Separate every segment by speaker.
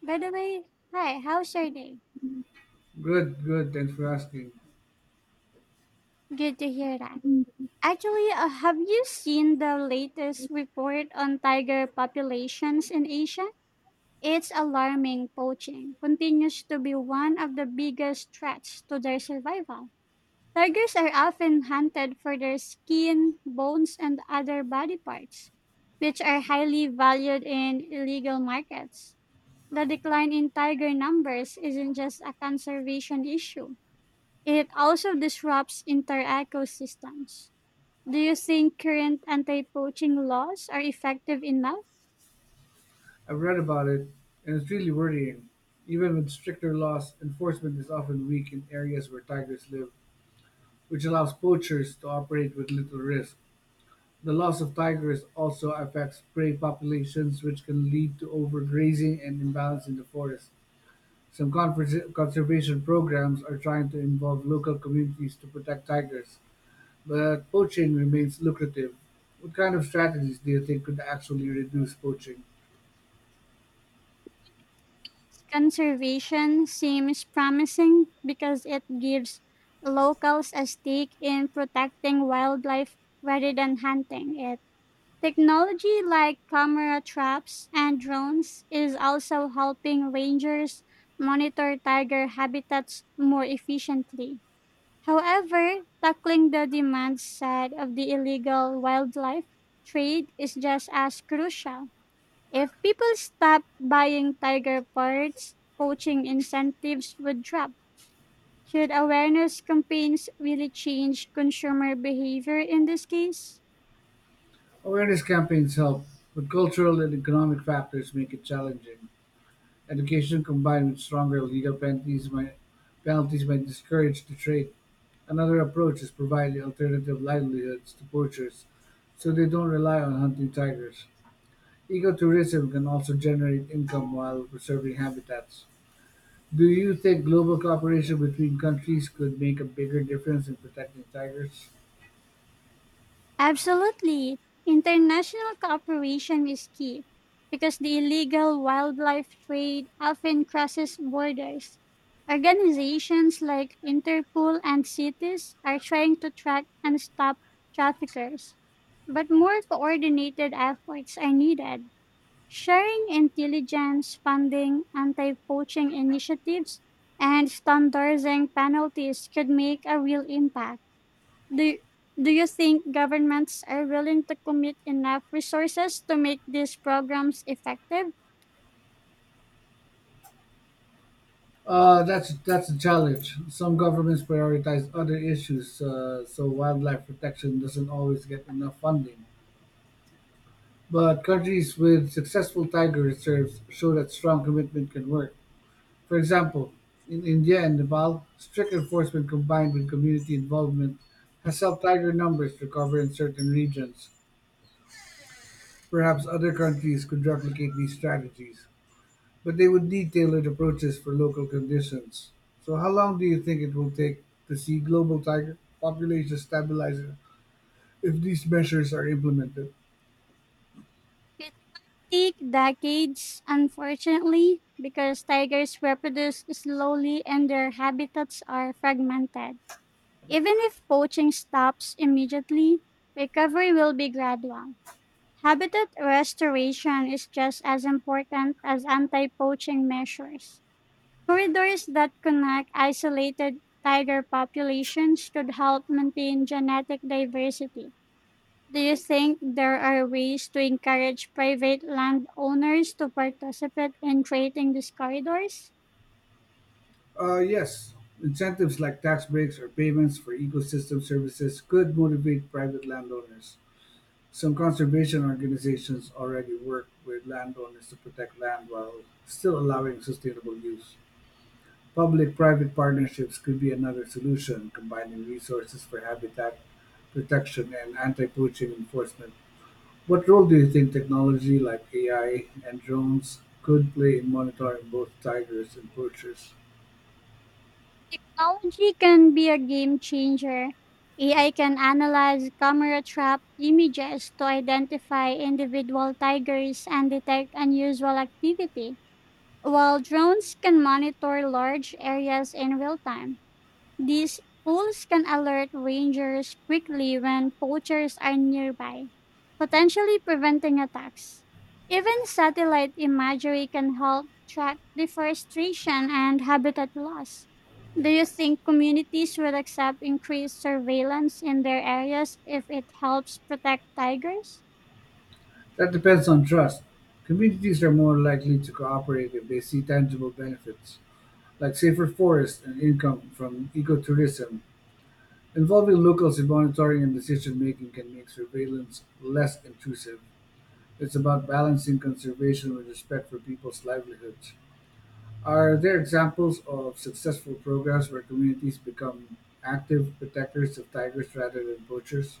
Speaker 1: By the way, hi, how's your day?
Speaker 2: Good, good. Thanks for asking.
Speaker 1: Good to hear that. Actually, have you seen the latest report on tiger populations in Asia? It's alarming. Poaching continues to be one of the biggest threats to their survival. Tigers are often hunted for their skin, bones, and other body parts, which are highly valued in illegal markets. The decline in tiger numbers isn't just a conservation issue. It also disrupts entire ecosystems. Do you think current anti poaching laws are effective enough?
Speaker 2: I've read about it, and it's really worrying. Even with stricter laws, enforcement is often weak in areas where tigers live, which allows poachers to operate with little risk. The loss of tigers also affects prey populations, which can lead to overgrazing and imbalance in the forest. Some conservation programs are trying to involve local communities to protect tigers, but poaching remains lucrative. What kind of strategies do you think could actually reduce poaching?
Speaker 1: Conservation seems promising because it gives locals a stake in protecting wildlife rather than hunting it. Technology like camera traps and drones is also helping rangers monitor tiger habitats more efficiently. However, tackling the demand side of the illegal wildlife trade is just as crucial. If people stop buying tiger parts, poaching incentives would drop. Should awareness campaigns really change consumer behavior in this case?
Speaker 2: Awareness campaigns help, but cultural and economic factors make it challenging. Education combined with stronger legal penalties might discourage the trade. Another approach is providing alternative livelihoods to poachers so they don't rely on hunting tigers. Ecotourism can also generate income while preserving habitats. Do you think global cooperation between countries could make a bigger difference in protecting tigers?
Speaker 1: Absolutely. International cooperation is key because the illegal wildlife trade often crosses borders. Organizations like Interpol and CITES are trying to track and stop traffickers, but more coordinated efforts are needed. Sharing intelligence, funding, anti poaching initiatives, and standardizing penalties could make a real impact. Do, do you think governments are willing to commit enough resources to make these programs effective?
Speaker 2: That's a challenge. Some governments prioritize other issues, so wildlife protection doesn't always get enough funding. But countries with successful tiger reserves show that strong commitment can work. For example, in India and Nepal, strict enforcement combined with community involvement has helped tiger numbers recover in certain regions. Perhaps other countries could replicate these strategies, but they would need tailored approaches for local conditions. So, how long do you think it will take to see global tiger populations stabilizing if these measures are implemented?
Speaker 1: It might take decades, unfortunately, because tigers reproduce slowly and their habitats are fragmented. Even if poaching stops immediately, recovery will be gradual. Habitat restoration is just as important as anti poaching measures. Corridors that connect isolated tiger populations could help maintain genetic diversity. Do you think there are ways to encourage private landowners to participate in creating these corridors?
Speaker 2: Yes, incentives like tax breaks or payments for ecosystem services could motivate private landowners. Some conservation organizations already work with landowners to protect land while still allowing sustainable use. Public-private partnerships could be another solution, combining resources for habitat protection and anti-poaching enforcement. What role do you think technology like AI and drones could play in monitoring both tigers and poachers?
Speaker 1: Technology can be a game changer. AI can analyze camera trap images to identify individual tigers and detect unusual activity, while drones can monitor large areas in real time. These tools can alert rangers quickly when poachers are nearby, potentially preventing attacks. Even satellite imagery can help track deforestation and habitat loss. Do you think communities would accept increased surveillance in their areas if it helps protect tigers?
Speaker 2: That depends on trust. Communities are more likely to cooperate if they see tangible benefits, like safer forests and income from ecotourism. Involving locals in monitoring and decision making can make surveillance less intrusive. It's about balancing conservation with respect for people's livelihoods. Are there examples of successful programs where communities become active protectors of tigers rather than poachers?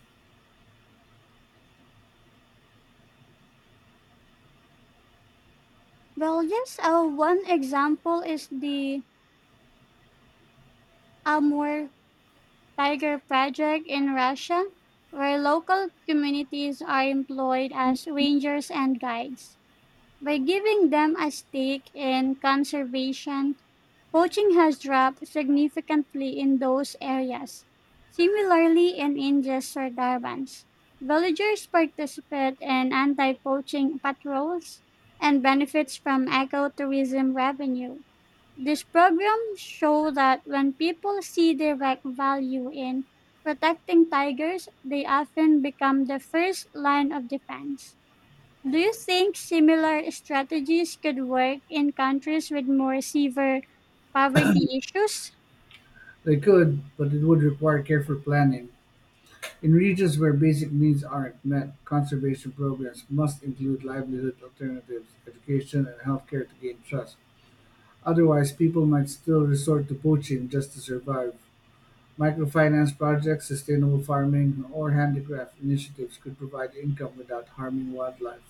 Speaker 1: Well, yes, one example is the Amur Tiger Project in Russia, where local communities are employed as rangers and guides. By giving them a stake in conservation, poaching has dropped significantly in those areas. Similarly, in India's Sardarbans, villagers participate in anti poaching patrols and benefits from ecotourism revenue. These programs show that when people see direct value in protecting tigers, they often become the first line of defense. Do you think similar strategies could work in countries with more severe poverty issues?
Speaker 2: They could, but it would require careful planning. In regions where basic needs aren't met, conservation programs must include livelihood alternatives, education, and healthcare to gain trust. Otherwise, people might still resort to poaching just to survive. Microfinance projects, sustainable farming, or handicraft initiatives could provide income without harming wildlife.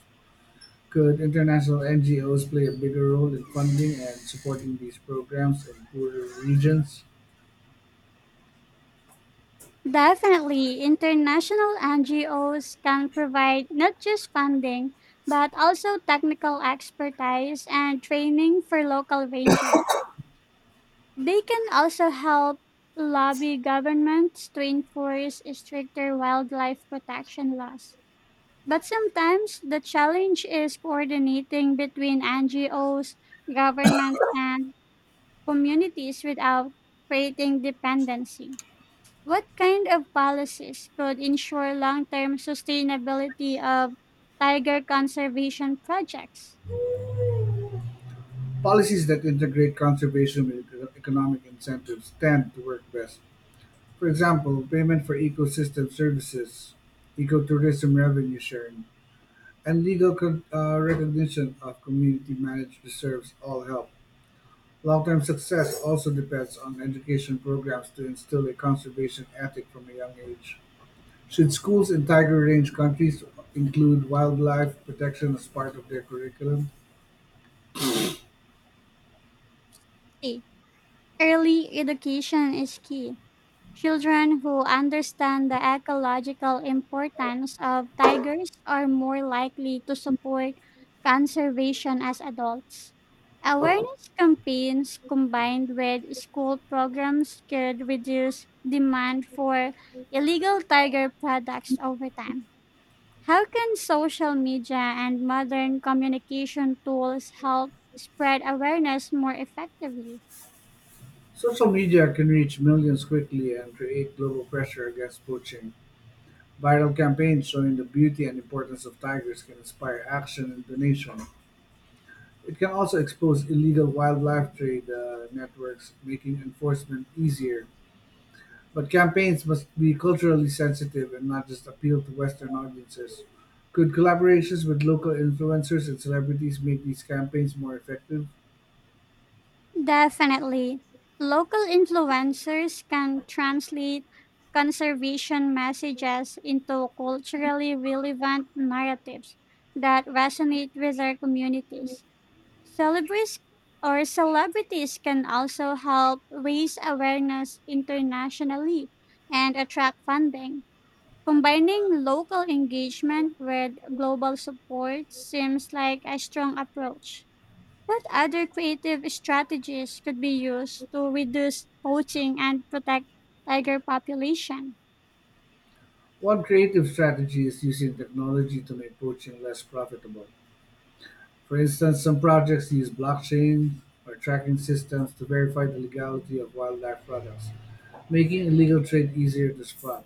Speaker 2: Could international NGOs play a bigger role in funding and supporting these programs in poorer regions?
Speaker 1: Definitely, international NGOs can provide not just funding, but also technical expertise and training for local rangers. They can also help lobby governments to enforce stricter wildlife protection laws. But sometimes the challenge is coordinating between NGOs, governments, and communities without creating dependency. What kind of policies could ensure long term sustainability of tiger conservation projects?
Speaker 2: Policies that integrate conservation with economic incentives tend to work best. For example, payment for ecosystem services, ecotourism revenue sharing, and legal recognition of community managed reserves all help. Long-term success also depends on education programs to instill a conservation ethic from a young age. Should schools in tiger range countries include wildlife protection as part of their curriculum?
Speaker 1: A early education is key. Children who understand the ecological importance of tigers are more likely to support conservation as adults. Awareness campaigns combined with school programs could reduce demand for illegal tiger products over time. How can social media and modern communication tools help spread awareness more effectively?
Speaker 2: Social media can reach millions quickly and create global pressure against poaching. Viral campaigns showing the beauty and importance of tigers can inspire action and donation. It can also expose illegal wildlife trade networks, making enforcement easier. But campaigns must be culturally sensitive and not just appeal to Western audiences. Could collaborations with local influencers and celebrities make these campaigns more effective?
Speaker 1: Definitely. Local influencers can translate conservation messages into culturally relevant narratives that resonate with their communities. Celebrities celebrities can also help raise awareness internationally and attract funding. Combining local engagement with global support seems like a strong approach. What other creative strategies could be used to reduce poaching and protect tiger population?
Speaker 2: One creative strategy is using technology to make poaching less profitable. For instance, some projects use blockchain or tracking systems to verify the legality of wildlife products, making illegal trade easier to spot.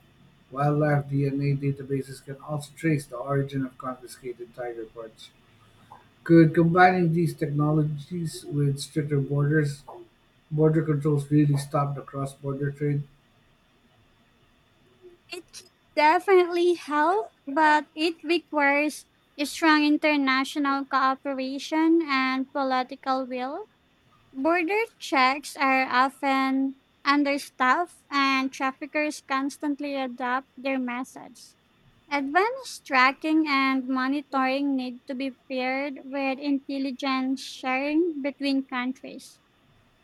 Speaker 2: Wildlife DNA databases can also trace the origin of confiscated tiger parts. Could combining these technologies with stricter borders border controls really stop the cross-border trade?
Speaker 1: It can definitely help, but it requires a strong international cooperation and political will. Border checks are often understaffed and traffickers constantly adapt their methods. Advanced tracking and monitoring need to be paired with intelligence sharing between countries.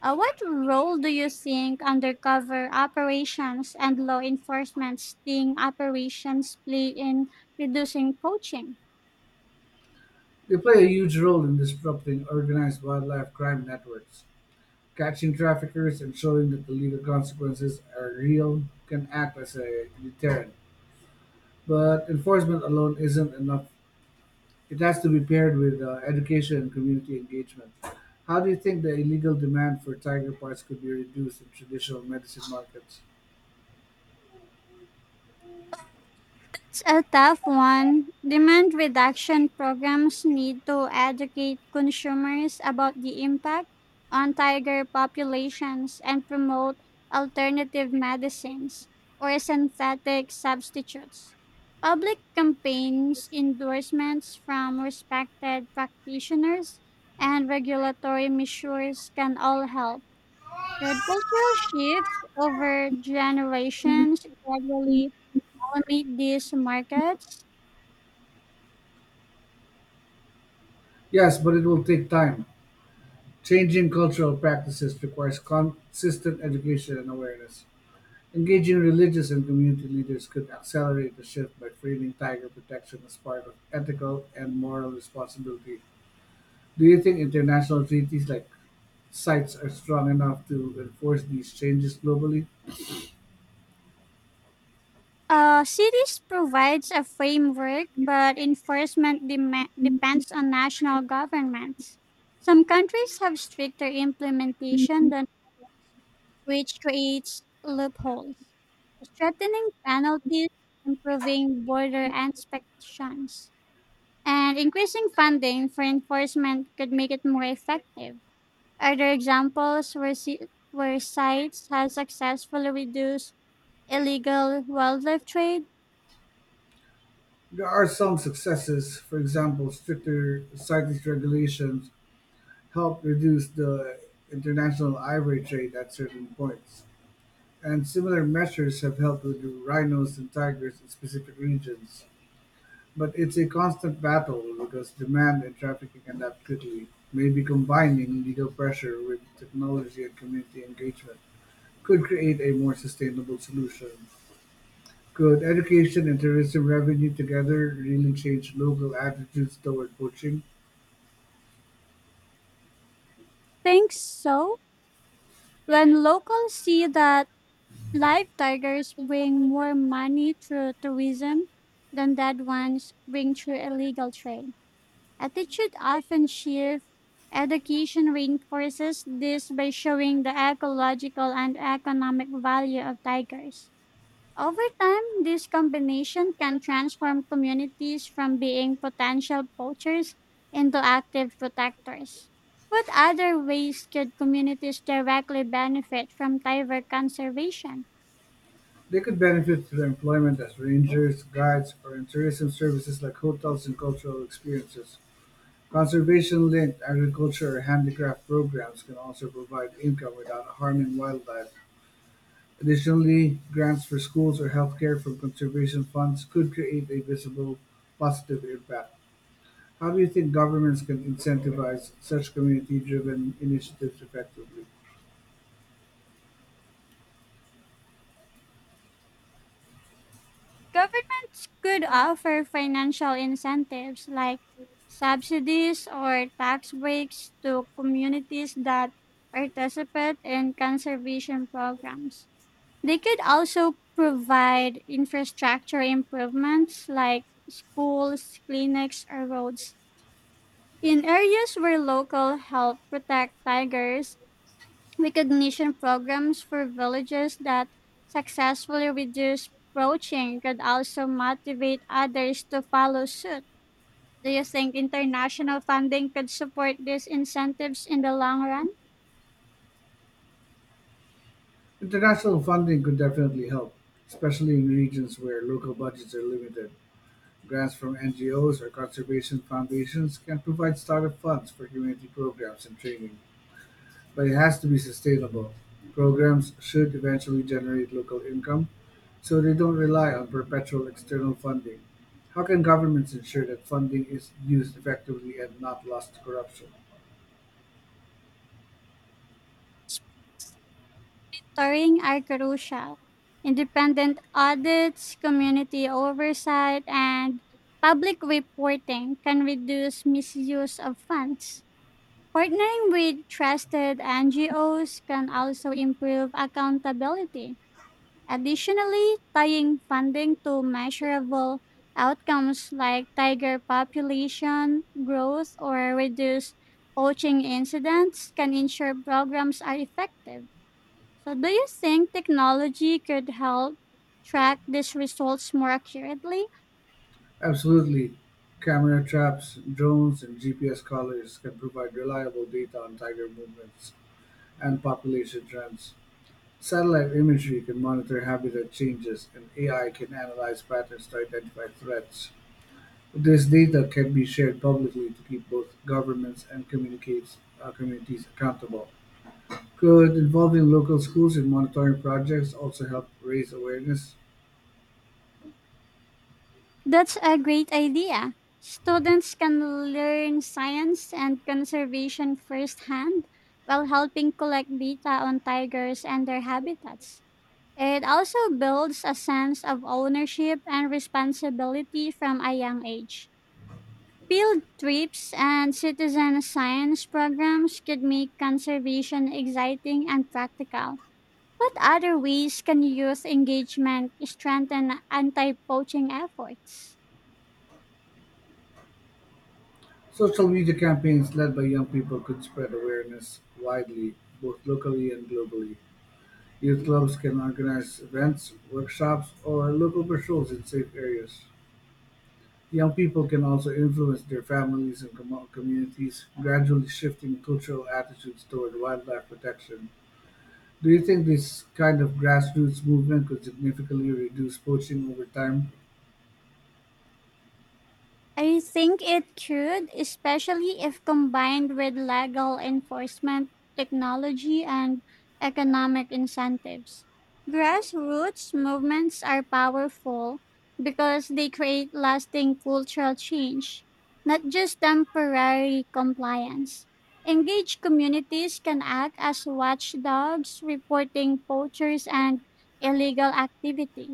Speaker 1: What role do you think undercover operations and law enforcement sting operations play in reducing poaching?
Speaker 2: They play a huge role in disrupting organized wildlife crime networks. Catching traffickers and showing that the legal consequences are real can act as a deterrent. But enforcement alone isn't enough. It has to be paired with education and community engagement. How do you think the illegal demand for tiger parts could be reduced in traditional medicine markets?
Speaker 1: It's a tough one. Demand reduction programs need to educate consumers about the impact on tiger populations and promote alternative medicines or synthetic substitutes. Public campaigns, endorsements from respected practitioners, and regulatory measures can all help. Should cultural shifts over generations gradually automate these markets?
Speaker 2: Yes, but it will take time. Changing cultural practices requires consistent education and awareness. Engaging religious and community leaders could accelerate the shift by framing tiger protection as part of ethical and moral responsibility. Do you think international treaties like CITES are strong enough to enforce these changes globally?
Speaker 1: Cities provides a framework, but enforcement depends on national governments. Some countries have stricter implementation than, which creates loopholes. Strengthening penalties, improving border inspections, and increasing funding for enforcement could make it more effective. Are there examples where sites have successfully reduced illegal wildlife trade?
Speaker 2: There are some successes. For example, stricter CITES regulations help reduce the international ivory trade at certain points. And similar measures have helped with rhinos and tigers in specific regions. But it's a constant battle because demand and trafficking adapt quickly. Maybe combining legal pressure with technology and community engagement could create a more sustainable solution. Could education and tourism revenue together really change local attitudes toward poaching?
Speaker 1: Think so. When locals see that live tigers bring more money through tourism than dead ones bring through illegal trade, attitude often shifts. Education reinforces this by showing the ecological and economic value of tigers. Over time, this combination can transform communities from being potential poachers into active protectors. What other ways could communities directly benefit from tiger conservation?
Speaker 2: They could benefit through employment as rangers, guides, or in tourism services like hotels and cultural experiences. Conservation-linked agriculture or handicraft programs can also provide income without harming wildlife. Additionally, grants for schools or healthcare from conservation funds could create a visible positive impact. How do you think governments can incentivize such community-driven initiatives effectively?
Speaker 1: Governments could offer financial incentives like subsidies or tax breaks to communities that participate in conservation programs. They could also provide infrastructure improvements like schools, clinics, or roads. In areas where local help protect tigers, recognition programs for villages that successfully reduce poaching could also motivate others to follow suit. Do you think international funding could support these incentives in the long run?
Speaker 2: International funding could definitely help, especially in regions where local budgets are limited. Grants from NGOs or conservation foundations can provide startup funds for community programs and training, but it has to be sustainable. Programs should eventually generate local income so they don't rely on perpetual external funding. How can governments ensure that funding is used effectively and not lost to corruption?
Speaker 1: Monitoring are crucial. Independent audits, community oversight, and public reporting can reduce misuse of funds. Partnering with trusted NGOs can also improve accountability. Additionally, tying funding to measurable outcomes like tiger population growth or reduced poaching incidents can ensure programs are effective. So, do you think technology could help track these results more accurately?
Speaker 2: Absolutely. Camera traps, drones, and GPS collars can provide reliable data on tiger movements and population trends. Satellite imagery can monitor habitat changes, and AI can analyze patterns to identify threats. This data can be shared publicly to keep both governments and communities accountable. Could involving local schools in monitoring projects also help raise awareness?
Speaker 1: That's a great idea. Students can learn science and conservation firsthand while helping collect data on tigers and their habitats. It also builds a sense of ownership and responsibility from a young age. Field trips and citizen science programs could make conservation exciting and practical. What other ways can youth engagement strengthen anti poaching efforts?
Speaker 2: Social media campaigns led by young people could spread awareness widely, both locally and globally. Youth clubs can organize events, workshops, or local patrols in safe areas. Young people can also influence their families and communities, gradually shifting cultural attitudes toward wildlife protection. Do you think this kind of grassroots movement could significantly reduce poaching over time?
Speaker 1: I think it could, especially if combined with legal enforcement, technology, and economic incentives. Grassroots movements are powerful because they create lasting cultural change, not just temporary compliance. Engaged communities can act as watchdogs, reporting poachers and illegal activity.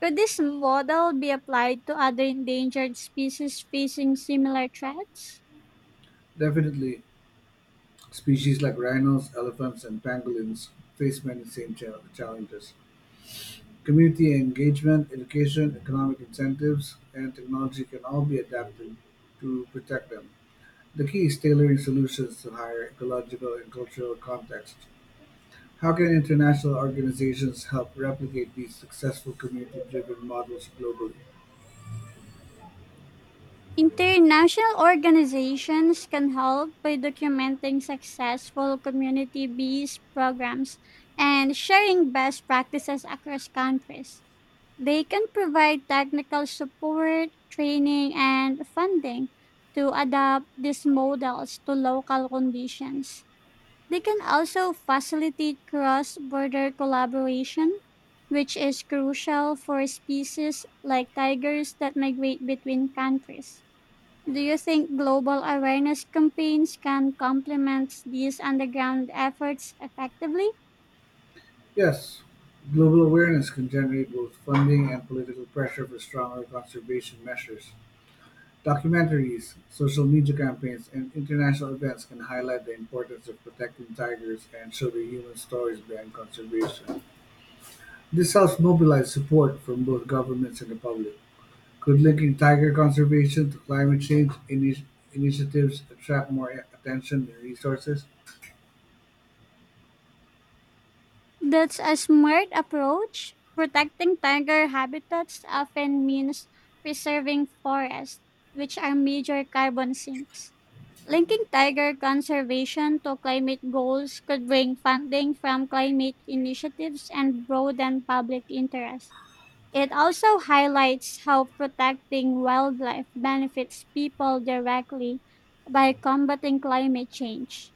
Speaker 1: Could this model be applied to other endangered species facing similar threats?
Speaker 2: Definitely. Species like rhinos, elephants, and pangolins face many same challenges. Community engagement, education, economic incentives, and technology can all be adapted to protect them. The key is tailoring solutions to higher ecological and cultural context. How can international organizations help replicate these successful community driven models globally?
Speaker 1: International organizations can help by documenting successful community bees programs and sharing best practices across countries. They can provide technical support, training, and funding to adapt these models to local conditions. They can also facilitate cross border collaboration, which is crucial for species like tigers that migrate between countries. Do you think global awareness campaigns can complement these underground efforts effectively?
Speaker 2: Yes, global awareness can generate both funding and political pressure for stronger conservation measures. Documentaries, social media campaigns, and international events can highlight the importance of protecting tigers and show the human stories behind conservation. This helps mobilize support from both governments and the public. Could linking tiger conservation to climate change initiatives attract more attention and resources?
Speaker 1: That's a smart approach. Protecting tiger habitats often means preserving forests, which are major carbon sinks. Linking tiger conservation to climate goals could bring funding from climate initiatives and broaden public interest. It also highlights how protecting wildlife benefits people directly by combating climate change.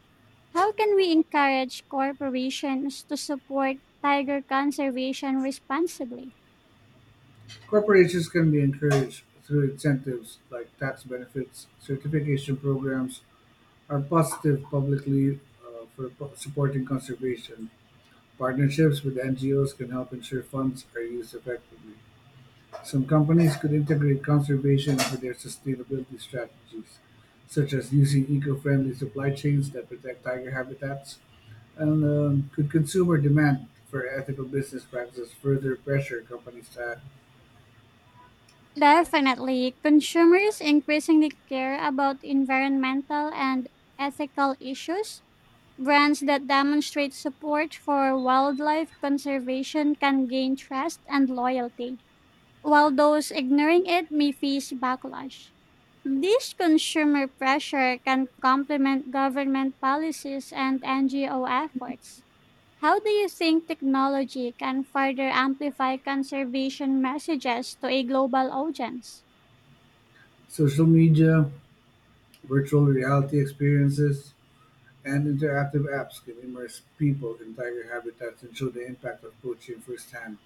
Speaker 1: How can we encourage corporations to support tiger conservation responsibly?
Speaker 2: Corporations can be encouraged through incentives like tax benefits, certification programs, or positive supporting conservation. Partnerships with NGOs can help ensure funds are used effectively. Some companies could integrate conservation into their sustainability strategies, such as using eco friendly supply chains that protect tiger habitats. And could consumer demand for ethical business practices further pressure companies to act?
Speaker 1: Definitely, consumers increasingly care about environmental and ethical issues. Brands that demonstrate support for wildlife conservation can gain trust and loyalty, while those ignoring it may face backlash. This consumer pressure can complement government policies and NGO efforts. How do you think technology can further amplify conservation messages to a global audience?
Speaker 2: Social media, virtual reality experiences and interactive apps can immerse people in tiger habitats and show the impact of poaching firsthand.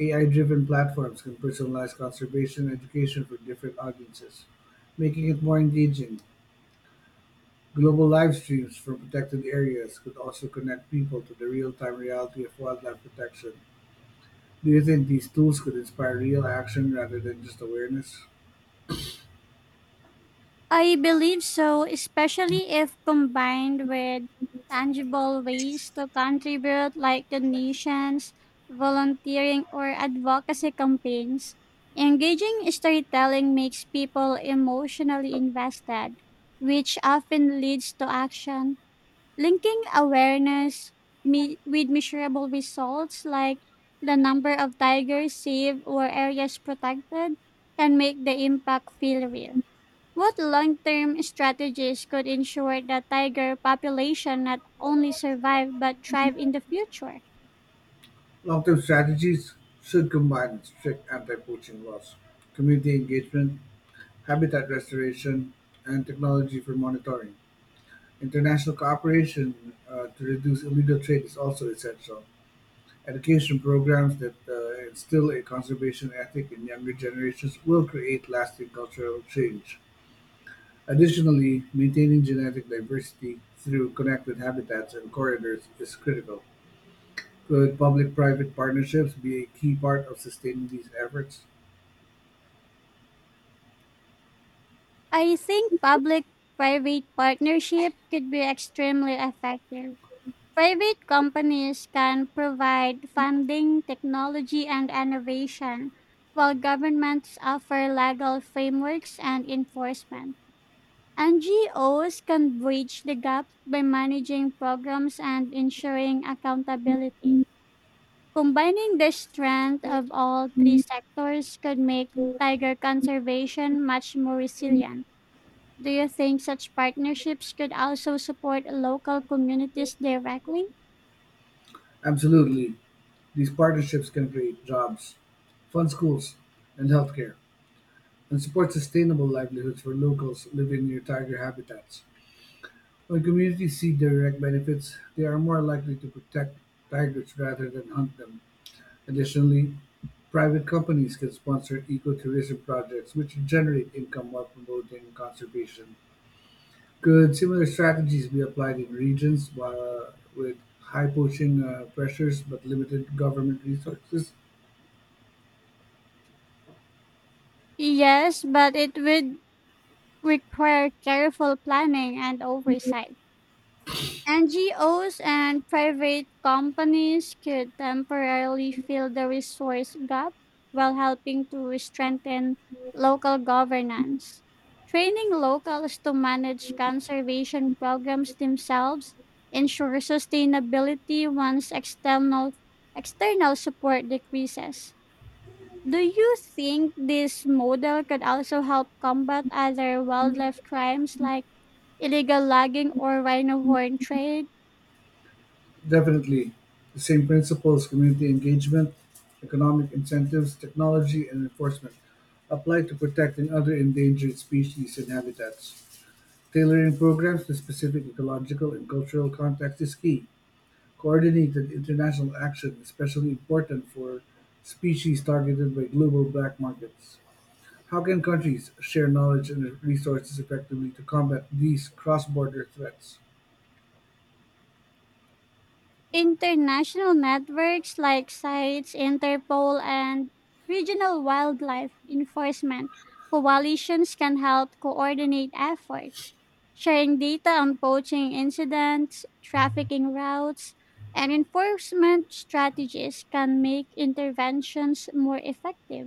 Speaker 2: AI-driven platforms can personalize conservation education for different audiences, making it more engaging. Global live streams from protected areas could also connect people to the real-time reality of wildlife protection. Do you think these tools could inspire real action rather than just awareness?
Speaker 1: I believe so, especially if combined with tangible ways to contribute, like donations, volunteering, or advocacy campaigns. Engaging storytelling makes people emotionally invested, which often leads to action. Linking awareness with measurable results, like the number of tigers saved or areas protected, can make the impact feel real. What long-term strategies could ensure the tiger population not only survive but thrive in the future?
Speaker 2: Long-term strategies should combine strict anti-poaching laws, community engagement, habitat restoration, and technology for monitoring. International cooperation to reduce illegal trade is also essential. Education programs that instill a conservation ethic in younger generations will create lasting cultural change. Additionally, maintaining genetic diversity through connected habitats and corridors is critical. Could public private partnerships be a key part of sustaining these efforts?
Speaker 1: I think public-private partnership could be extremely effective. Private companies can provide funding, technology, and innovation, while governments offer legal frameworks and enforcement. NGOs can bridge the gap by managing programs and ensuring accountability. Combining the strength of all three sectors could make tiger conservation much more resilient. Do you think such partnerships could also support local communities directly?
Speaker 2: Absolutely. These partnerships can create jobs, fund schools and healthcare, and support sustainable livelihoods for locals living near tiger habitats. When communities see direct benefits, they are more likely to protect tigers rather than hunt them. Additionally, private companies can sponsor ecotourism projects which generate income while promoting conservation. Could similar strategies be applied in regions with high poaching pressures but limited government resources?
Speaker 1: Yes, but it would require careful planning and oversight. NGOs and private companies could temporarily fill the resource gap while helping to strengthen local governance. Training locals to manage conservation programs themselves ensure sustainability once external support decreases. Do you think this model could also help combat other wildlife crimes like illegal logging or rhino horn trade?
Speaker 2: Definitely. The same principles, community engagement, economic incentives, technology, and enforcement, apply to protecting other endangered species and habitats. Tailoring programs to specific ecological and cultural contexts is key. Coordinated international action is especially important for species targeted by global black markets. How can countries share knowledge and resources effectively to combat these cross border threats?
Speaker 1: International networks like CITES, Interpol, and regional wildlife enforcement coalitions can help coordinate efforts. Sharing data on poaching incidents, trafficking routes, and enforcement strategies can make interventions more effective.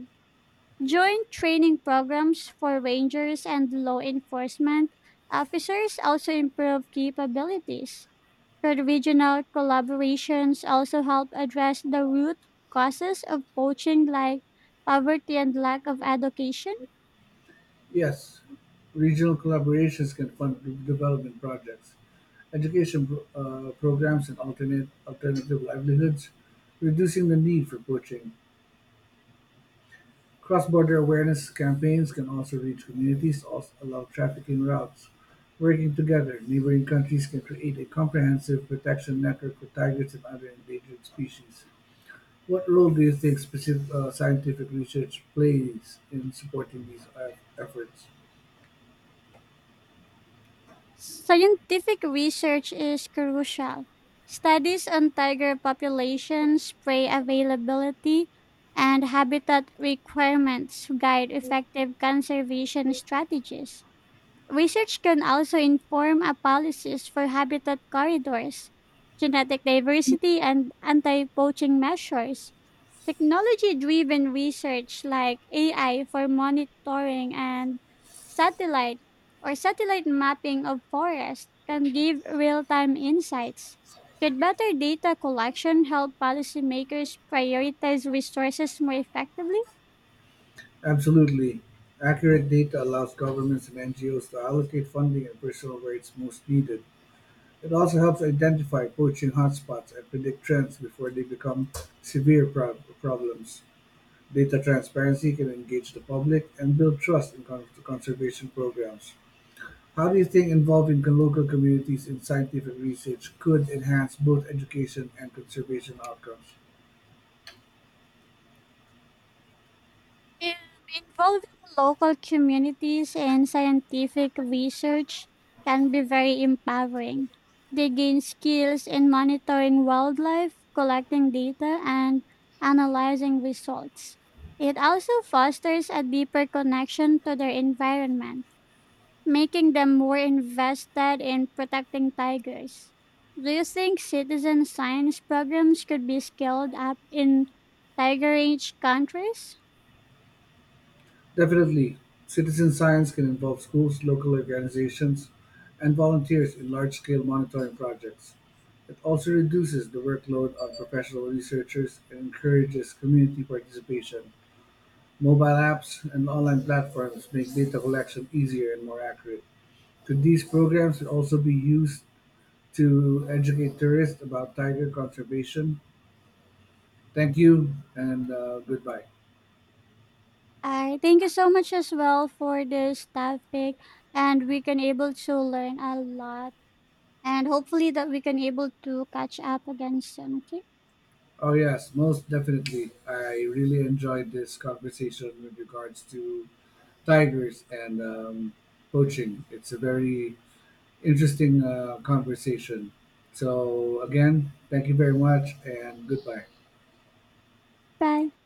Speaker 1: Joint training programs for rangers and law enforcement officers also improve capabilities, but regional collaborations also help address the root causes of poaching, like poverty and lack of education.
Speaker 2: Yes, regional collaborations can fund development projects, programs, and alternate alternative livelihoods, reducing the need for poaching. Cross-border awareness campaigns can also reach communities, also allow trafficking routes. Working together, neighboring countries can create a comprehensive protection network for tigers and other endangered species. What role do you think specific scientific research plays in supporting these efforts?
Speaker 1: Scientific research is crucial. Studies on tiger populations, prey availability, and habitat requirements guide effective conservation strategies. Research can also inform a policies for habitat corridors, genetic diversity, and anti poaching measures. Technology driven research like AI for monitoring and satellite satellite mapping of forests can give real time insights. Could better data collection help policymakers prioritize resources more effectively?
Speaker 2: Absolutely. Accurate data allows governments and NGOs to allocate funding and personnel where it's most needed. It also helps identify poaching hotspots and predict trends before they become severe problems. Data transparency can engage the public and build trust in conservation programs. How do you think involving the local communities in scientific research could enhance both education and conservation outcomes?
Speaker 1: Um, involving local communities and scientific research can be very empowering. They gain skills in monitoring wildlife, collecting data, and analyzing results. It also fosters a deeper connection to their environment, making them more invested in protecting tigers. Do you think citizen science programs could be scaled up in tiger-rich countries?
Speaker 2: Definitely, citizen science can involve schools, local organizations, and volunteers in large scale monitoring projects. It also reduces the workload on professional researchers and encourages community participation. Mobile apps and online platforms make data collection easier and more accurate. Could these programs could also be used to educate tourists about tiger conservation? Thank you and goodbye.
Speaker 1: I thank you so much as well for this topic, and we can able to learn a lot, and hopefully that we can able to catch up again soon. Okay,
Speaker 2: Oh, yes, most definitely. I really enjoyed this conversation with regards to tigers and poaching. It's a very interesting conversation. So, again, thank you very much and goodbye.
Speaker 1: bye.